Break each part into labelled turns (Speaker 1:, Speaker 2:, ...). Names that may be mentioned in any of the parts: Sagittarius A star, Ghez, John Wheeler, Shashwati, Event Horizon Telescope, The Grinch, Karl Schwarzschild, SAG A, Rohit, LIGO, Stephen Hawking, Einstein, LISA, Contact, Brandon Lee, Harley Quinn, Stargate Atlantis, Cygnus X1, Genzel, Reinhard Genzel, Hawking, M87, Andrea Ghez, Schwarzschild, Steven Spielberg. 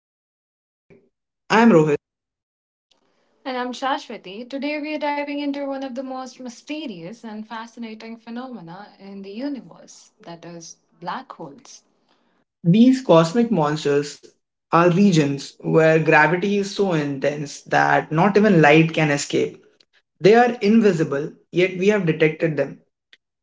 Speaker 1: Into the Void. I'm Rohit.
Speaker 2: And I'm Shashwati. Today we are diving into one of the most mysterious and fascinating phenomena in the universe, that is, black holes.
Speaker 1: These cosmic monsters are regions where gravity is so intense that not even light can escape. They are invisible, yet we have detected them.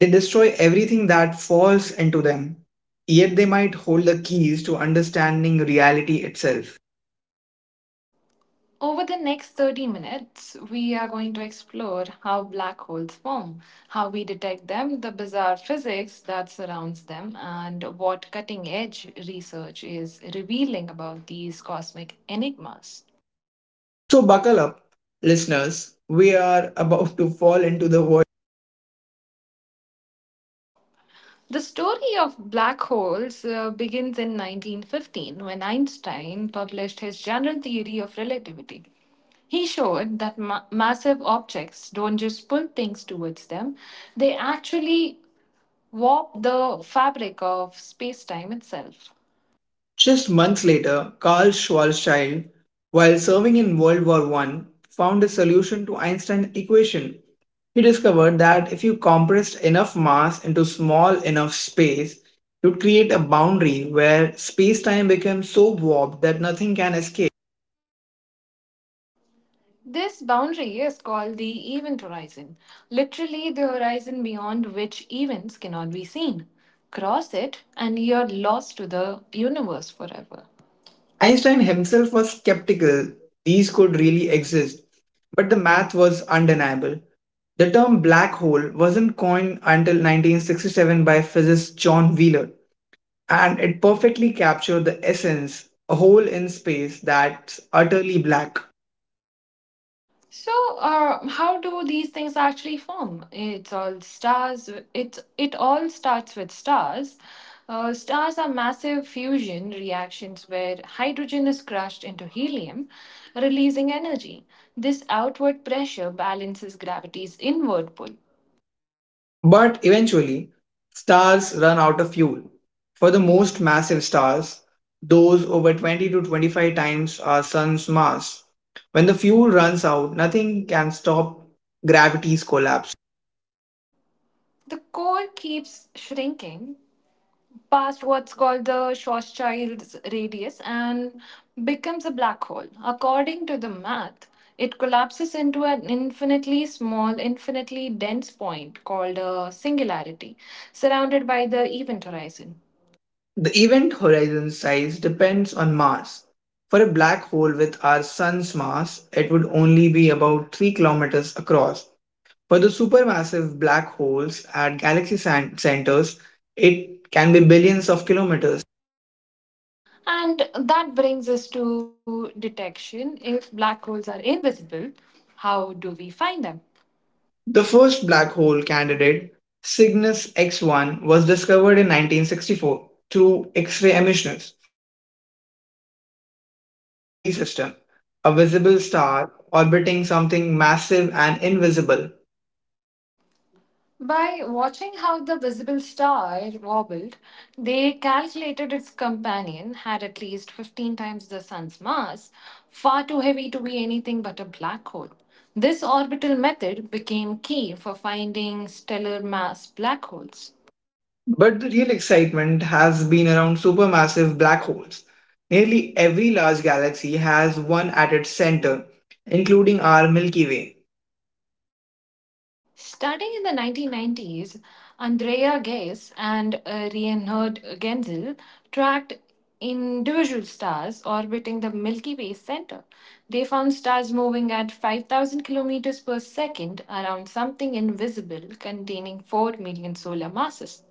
Speaker 1: They destroy everything that falls into them, yet they might hold the keys to understanding reality itself.
Speaker 2: Over the next 30 minutes, we are going to explore how black holes form, how we detect them, the bizarre physics that surrounds them, and what cutting edge research is revealing about these cosmic enigmas.
Speaker 1: So, buckle up, listeners. We are about to fall into the void.
Speaker 2: The story of black holes begins in 1915 when Einstein published his general theory of relativity. He showed that massive objects don't just pull things towards them, they actually warp the fabric of space time itself.
Speaker 1: Just months later, Karl Schwarzschild, while serving in World War One, found a solution to Einstein's equation. He discovered that if you compressed enough mass into small enough space, you'd create a boundary where space-time becomes so warped that nothing can escape.
Speaker 2: This boundary is called the event horizon, literally, the horizon beyond which events cannot be seen. Cross it, and you're lost to the universe forever.
Speaker 1: Einstein himself was skeptical these could really exist, but the math was undeniable. The term black hole wasn't coined until 1967 by physicist John Wheeler, and it perfectly captured the essence: a hole in space that's utterly black.
Speaker 2: So, how do these things actually form? It's all stars. It all starts with stars. Stars are massive fusion reactions where hydrogen is crushed into helium, releasing energy. This outward pressure balances gravity's inward pull.
Speaker 1: But eventually, stars run out of fuel. For the most massive stars, those over 20 to 25 times our sun's mass, when the fuel runs out, nothing can stop gravity's collapse.
Speaker 2: The core keeps shrinking, past what's called the Schwarzschild's radius and becomes a black hole. According to the math, it collapses into an infinitely small, infinitely dense point called a singularity, surrounded by the event horizon.
Speaker 1: The event horizon size depends on mass. For a black hole with our sun's mass, it would only be about 3 kilometers across. For the supermassive black holes at galaxy centers, it can be billions of kilometers.
Speaker 2: And that brings us to detection. If black holes are invisible, how do we find them?
Speaker 1: The first black hole candidate, Cygnus X1, was discovered in 1964 through X ray emissions. Astronomers found it was a binary system, a visible star orbiting something massive and invisible.
Speaker 2: By watching how the visible star wobbled, they calculated its companion had at least 15 times the sun's mass, far too heavy to be anything but a black hole. This orbital method became key for finding stellar mass black holes.
Speaker 1: But the real excitement has been around supermassive black holes. Nearly every large galaxy has one at its center, including our Milky Way.
Speaker 2: Starting in the 1990s, Andrea Ghez and Reinhard Genzel tracked individual stars orbiting the Milky Way center. They found stars moving at 5,000 kilometers per second around something invisible containing 4 million solar masses.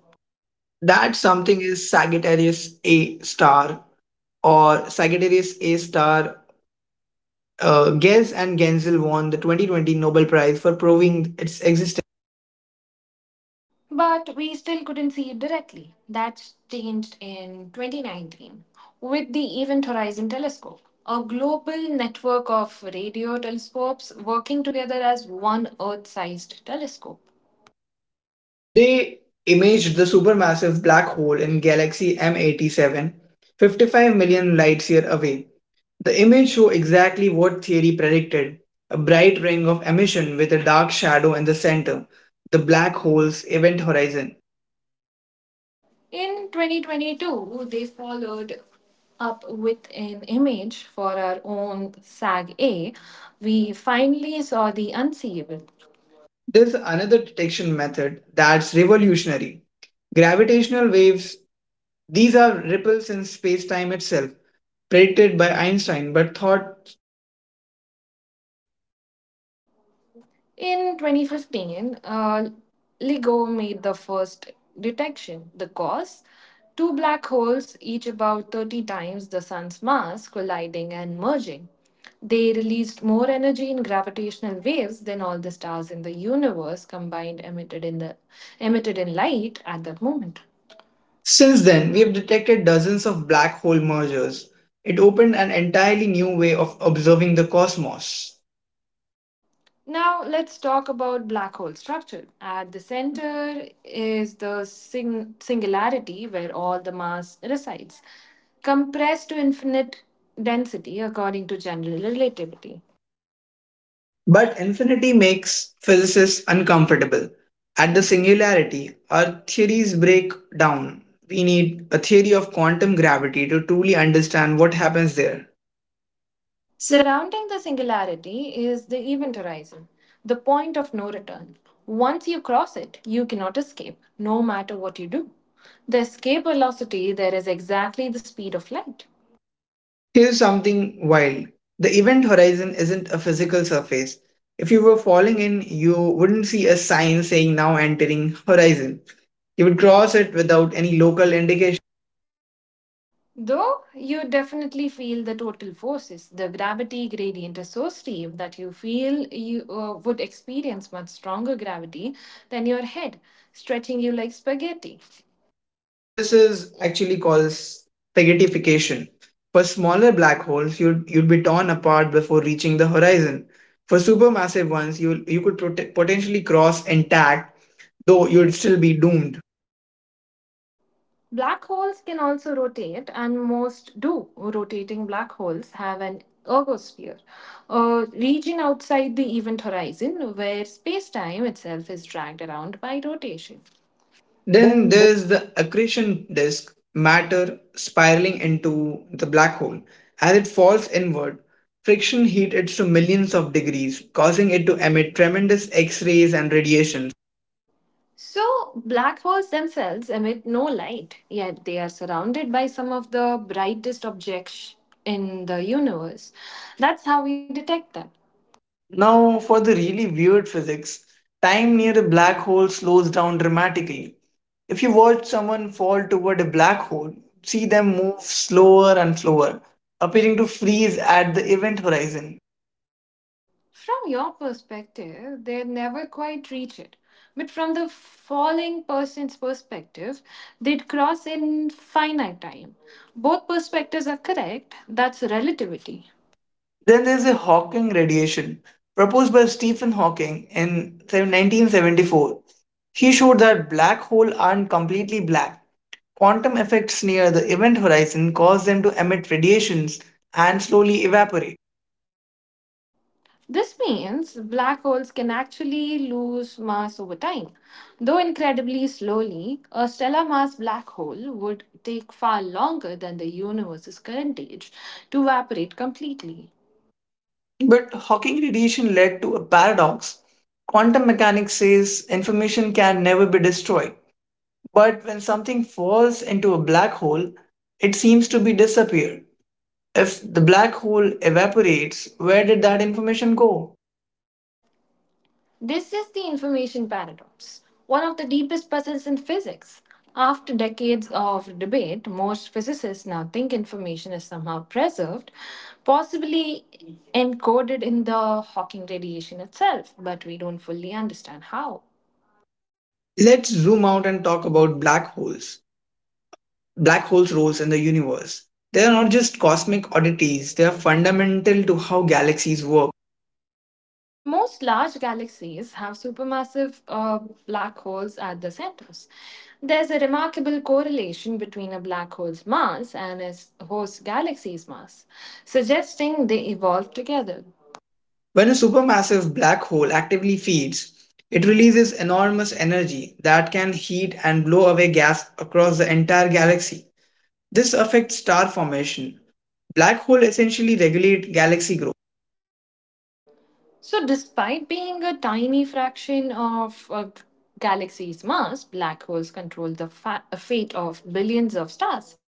Speaker 1: That something is Sagittarius A star, or Sagittarius A star. Ghez and Genzel won the 2020 Nobel Prize for proving its existence.
Speaker 2: But we still couldn't see it directly. That's changed in 2019 with the Event Horizon Telescope, a global network of radio telescopes working together as one Earth sized telescope.
Speaker 1: They imaged the supermassive black hole in galaxy M87, 55 million light year away. The image show exactly what theory predicted: a bright ring of emission with a dark shadow in the center, the black hole's event horizon.
Speaker 2: In 2022, they followed up with an image for our own SAG A. We finally saw the unseeable.
Speaker 1: There's another detection method that's revolutionary. Gravitational waves, these are ripples in space time itself, predicted by Einstein but thought impossible to detect.
Speaker 2: In 2015, LIGO made the first detection. The cause? Two black holes, each about 30 times the sun's mass, colliding and merging. They released more energy in gravitational waves than all the stars in the universe combined emitted in light at that moment.
Speaker 1: Since then, we have detected dozens of black hole mergers. It opened an entirely new way of observing the cosmos.
Speaker 2: Now let's talk about black hole structure. At the center is the singularity where all the mass resides, compressed to infinite density according to general relativity.
Speaker 1: But infinity makes physicists uncomfortable. At the singularity, our theories break down. We need a theory of quantum gravity to truly understand what happens there.
Speaker 2: Surrounding the singularity is the event horizon, the point of no return. Once you cross it, you cannot escape, no matter what you do. The escape velocity there is exactly the speed of light.
Speaker 1: Here's something wild: the event horizon isn't a physical surface. If you were falling in, you wouldn't see a sign saying now entering horizon. You would cross it without any local indication.
Speaker 2: Though you definitely feel the total forces, the gravity gradient is so steep that you feel you would experience much stronger gravity than your head, stretching you like spaghetti.
Speaker 1: This is actually called spaghettification. For smaller black holes, you'd be torn apart before reaching the horizon. For supermassive ones, you could potentially cross intact, though you'd still be doomed.
Speaker 2: Black holes can also rotate, and most do. Rotating black holes have an ergosphere, a region outside the event horizon where space time itself is dragged around by rotation.
Speaker 1: Then
Speaker 2: Then
Speaker 1: there's the accretion disk, matter spiraling into the black hole. As it falls inward, friction heats it to millions of degrees, causing it to emit tremendous X rays and radiation.
Speaker 2: So, black holes themselves emit no light, yet they are surrounded by some of the brightest objects in the universe. That's how we detect them.
Speaker 1: Now, for the really weird physics, time near a black hole slows down dramatically. If you watch someone fall toward a black hole, see them move slower and slower, appearing to freeze at the event horizon.
Speaker 2: From your perspective, they never quite reach it. But from the falling person's perspective, they'd cross in finite time. Both perspectives are correct. That's relativity.
Speaker 1: Then there's a Hawking radiation, proposed by Stephen Hawking in 1974. He showed that black holes aren't completely black. Quantum effects near the event horizon cause them to emit radiations and slowly evaporate.
Speaker 2: This means black holes can actually lose mass over time. Though incredibly slowly, a stellar mass black hole would take far longer than the universe's current age to evaporate completely.
Speaker 1: But Hawking radiation led to a paradox. Quantum mechanics says information can never be destroyed. But when something falls into a black hole, it seems to be disappear. If the black hole evaporates, where did that information go?
Speaker 2: This is the information paradox, one of the deepest puzzles in physics. After decades of debate, most physicists now think information is somehow preserved, possibly encoded in the Hawking radiation itself, but we don't fully understand how.
Speaker 1: Let's zoom out and talk about black holes. Black holes' roles in the universe. They are not just cosmic oddities, they are fundamental to how galaxies work.
Speaker 2: Most large galaxies have supermassive black holes at the centers. There's a remarkable correlation between a black hole's mass and its host galaxy's mass, suggesting they evolved together.
Speaker 1: When a supermassive black hole actively feeds, it releases enormous energy that can heat and blow away gas across the entire galaxy. This affects star formation. Black holes essentially regulate galaxy growth.
Speaker 2: So, despite being a tiny fraction of a galaxy's mass, black holes control the fate of billions of stars.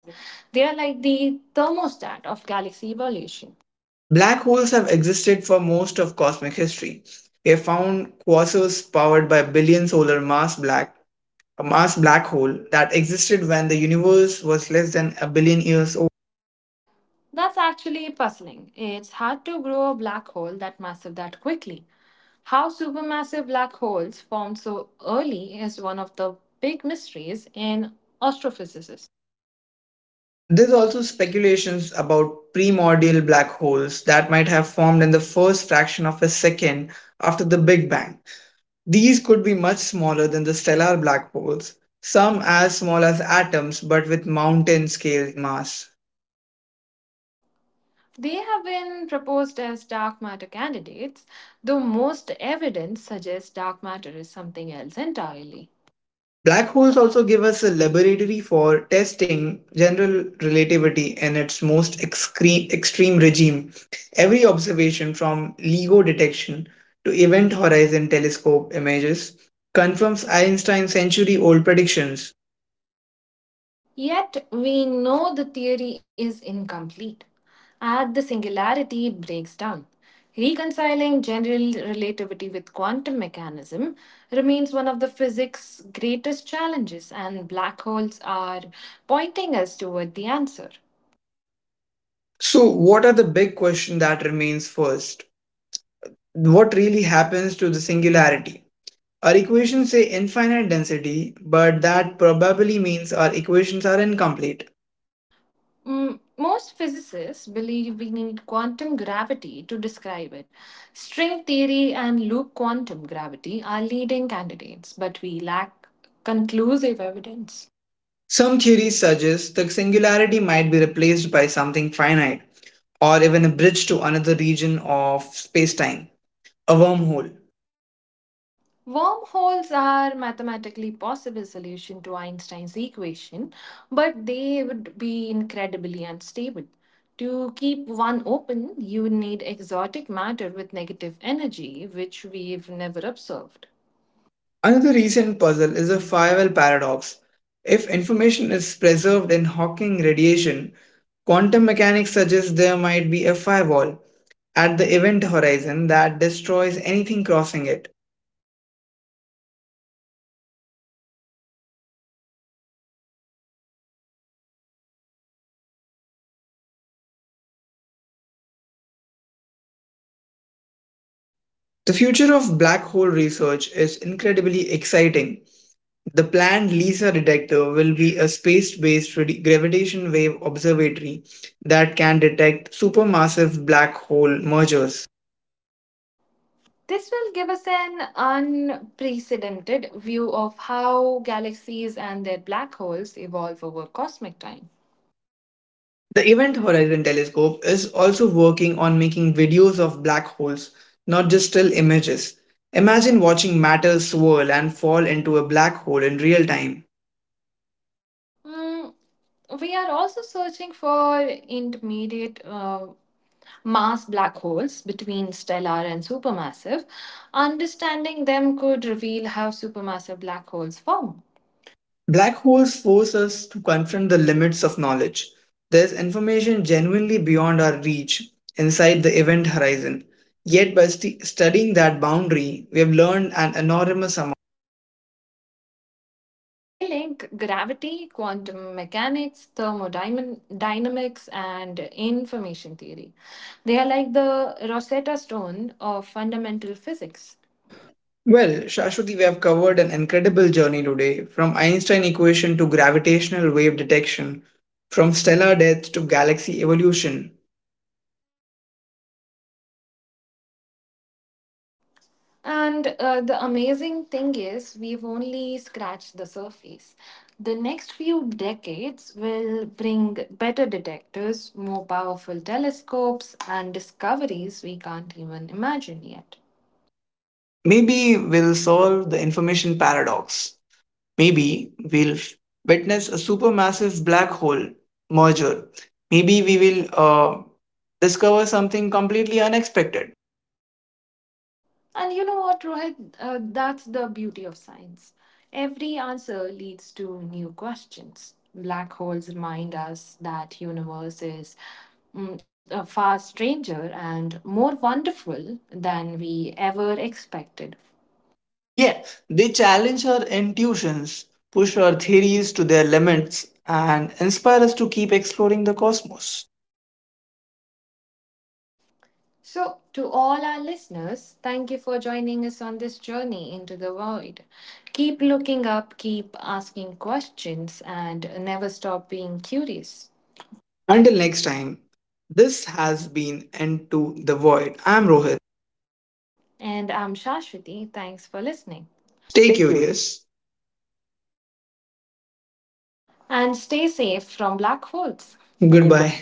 Speaker 2: They are like the thermostat of galaxy evolution.
Speaker 1: Black holes have existed for most of cosmic history. We have found quasars powered by a billion solar mass black, a mass black hole that existed when the universe was less than a billion years old.
Speaker 2: That's actually puzzling. It's hard to grow a black hole that massive that quickly. How supermassive black holes formed so early is one of the big mysteries in astrophysics.
Speaker 1: There's also speculations about primordial black holes that might have formed in the first fraction of a second after the Big Bang. These could be much smaller than the stellar black holes, some as small as atoms but with mountain scale mass.
Speaker 2: They have been proposed as dark matter candidates, though most evidence suggests dark matter is something else entirely.
Speaker 1: Black holes also give us a laboratory for testing general relativity in its most extreme regime. Every observation, from LIGO detection to Event Horizon telescope images, confirms Einstein's century old predictions.
Speaker 2: Yet we know the theory is incomplete. At the singularity, it breaks down. Reconciling general relativity with quantum mechanism remains one of the physics' greatest challenges, and black holes are pointing us toward the answer.
Speaker 1: So, what are the big question that remains first? What really happens to the singularity? Our equations say infinite density, but that probably means our equations are incomplete.
Speaker 2: Most physicists believe we need quantum gravity to describe it. String theory and loop quantum gravity are leading candidates, but we lack conclusive evidence.
Speaker 1: Some theories suggest the singularity might be replaced by something finite, or even a bridge to another region of spacetime, a wormhole.
Speaker 2: Wormholes are mathematically possible solution to Einstein's equation, but they would be incredibly unstable. To keep one open, you would need exotic matter with negative energy, which we've never observed.
Speaker 1: Another recent puzzle is the firewall paradox. If information is preserved in Hawking radiation, quantum mechanics suggests there might be a firewall at the event horizon that destroys anything crossing it. The future of black hole research is incredibly exciting. The planned LISA detector will be a space based gravitation wave observatory that can detect supermassive black hole mergers.
Speaker 2: This will give us an unprecedented view of how galaxies and their black holes evolve over cosmic time.
Speaker 1: The Event Horizon Telescope is also working on making videos of black holes, not just still images. Imagine watching matter swirl and fall into a black hole in real time.
Speaker 2: Mm, we are also searching for intermediate mass black holes between stellar and supermassive, understanding them could reveal how supermassive black holes form.
Speaker 1: Black holes force us to confront the limits of knowledge. There's information genuinely beyond our reach inside the event horizon. Yet, by studying that boundary, we have learned an enormous amount.
Speaker 2: They link gravity, quantum mechanics, thermodynamics, and information theory. They are like the Rosetta Stone of fundamental physics.
Speaker 1: Well, Shashwati, we have covered an incredible journey today, from Einstein equation to gravitational wave detection, from stellar death to galaxy evolution.
Speaker 2: And the amazing thing is, we've only scratched the surface. The next few decades will bring better detectors, more powerful telescopes, and discoveries we can't even imagine yet.
Speaker 1: Maybe we'll solve the information paradox. Maybe we'll witness a supermassive black hole merger. Maybe we will discover something completely unexpected.
Speaker 2: And you know what, Rohit? That's the beauty of science. Every answer leads to new questions. Black holes remind us that universe is a far stranger and more wonderful than we ever expected.
Speaker 1: Yeah, they challenge our intuitions, push our theories to their limits, and inspire us to keep exploring the cosmos.
Speaker 2: So, to all our listeners, thank you for joining us on this journey into the void. Keep looking up, keep asking questions, and never stop being curious.
Speaker 1: Until next time, this has been Into the Void. I'm Rohit.
Speaker 2: And I'm Shashwati. Thanks for listening.
Speaker 1: Stay
Speaker 2: Take care.
Speaker 1: curious.
Speaker 2: And stay safe from black holes. Goodbye.
Speaker 1: Goodbye.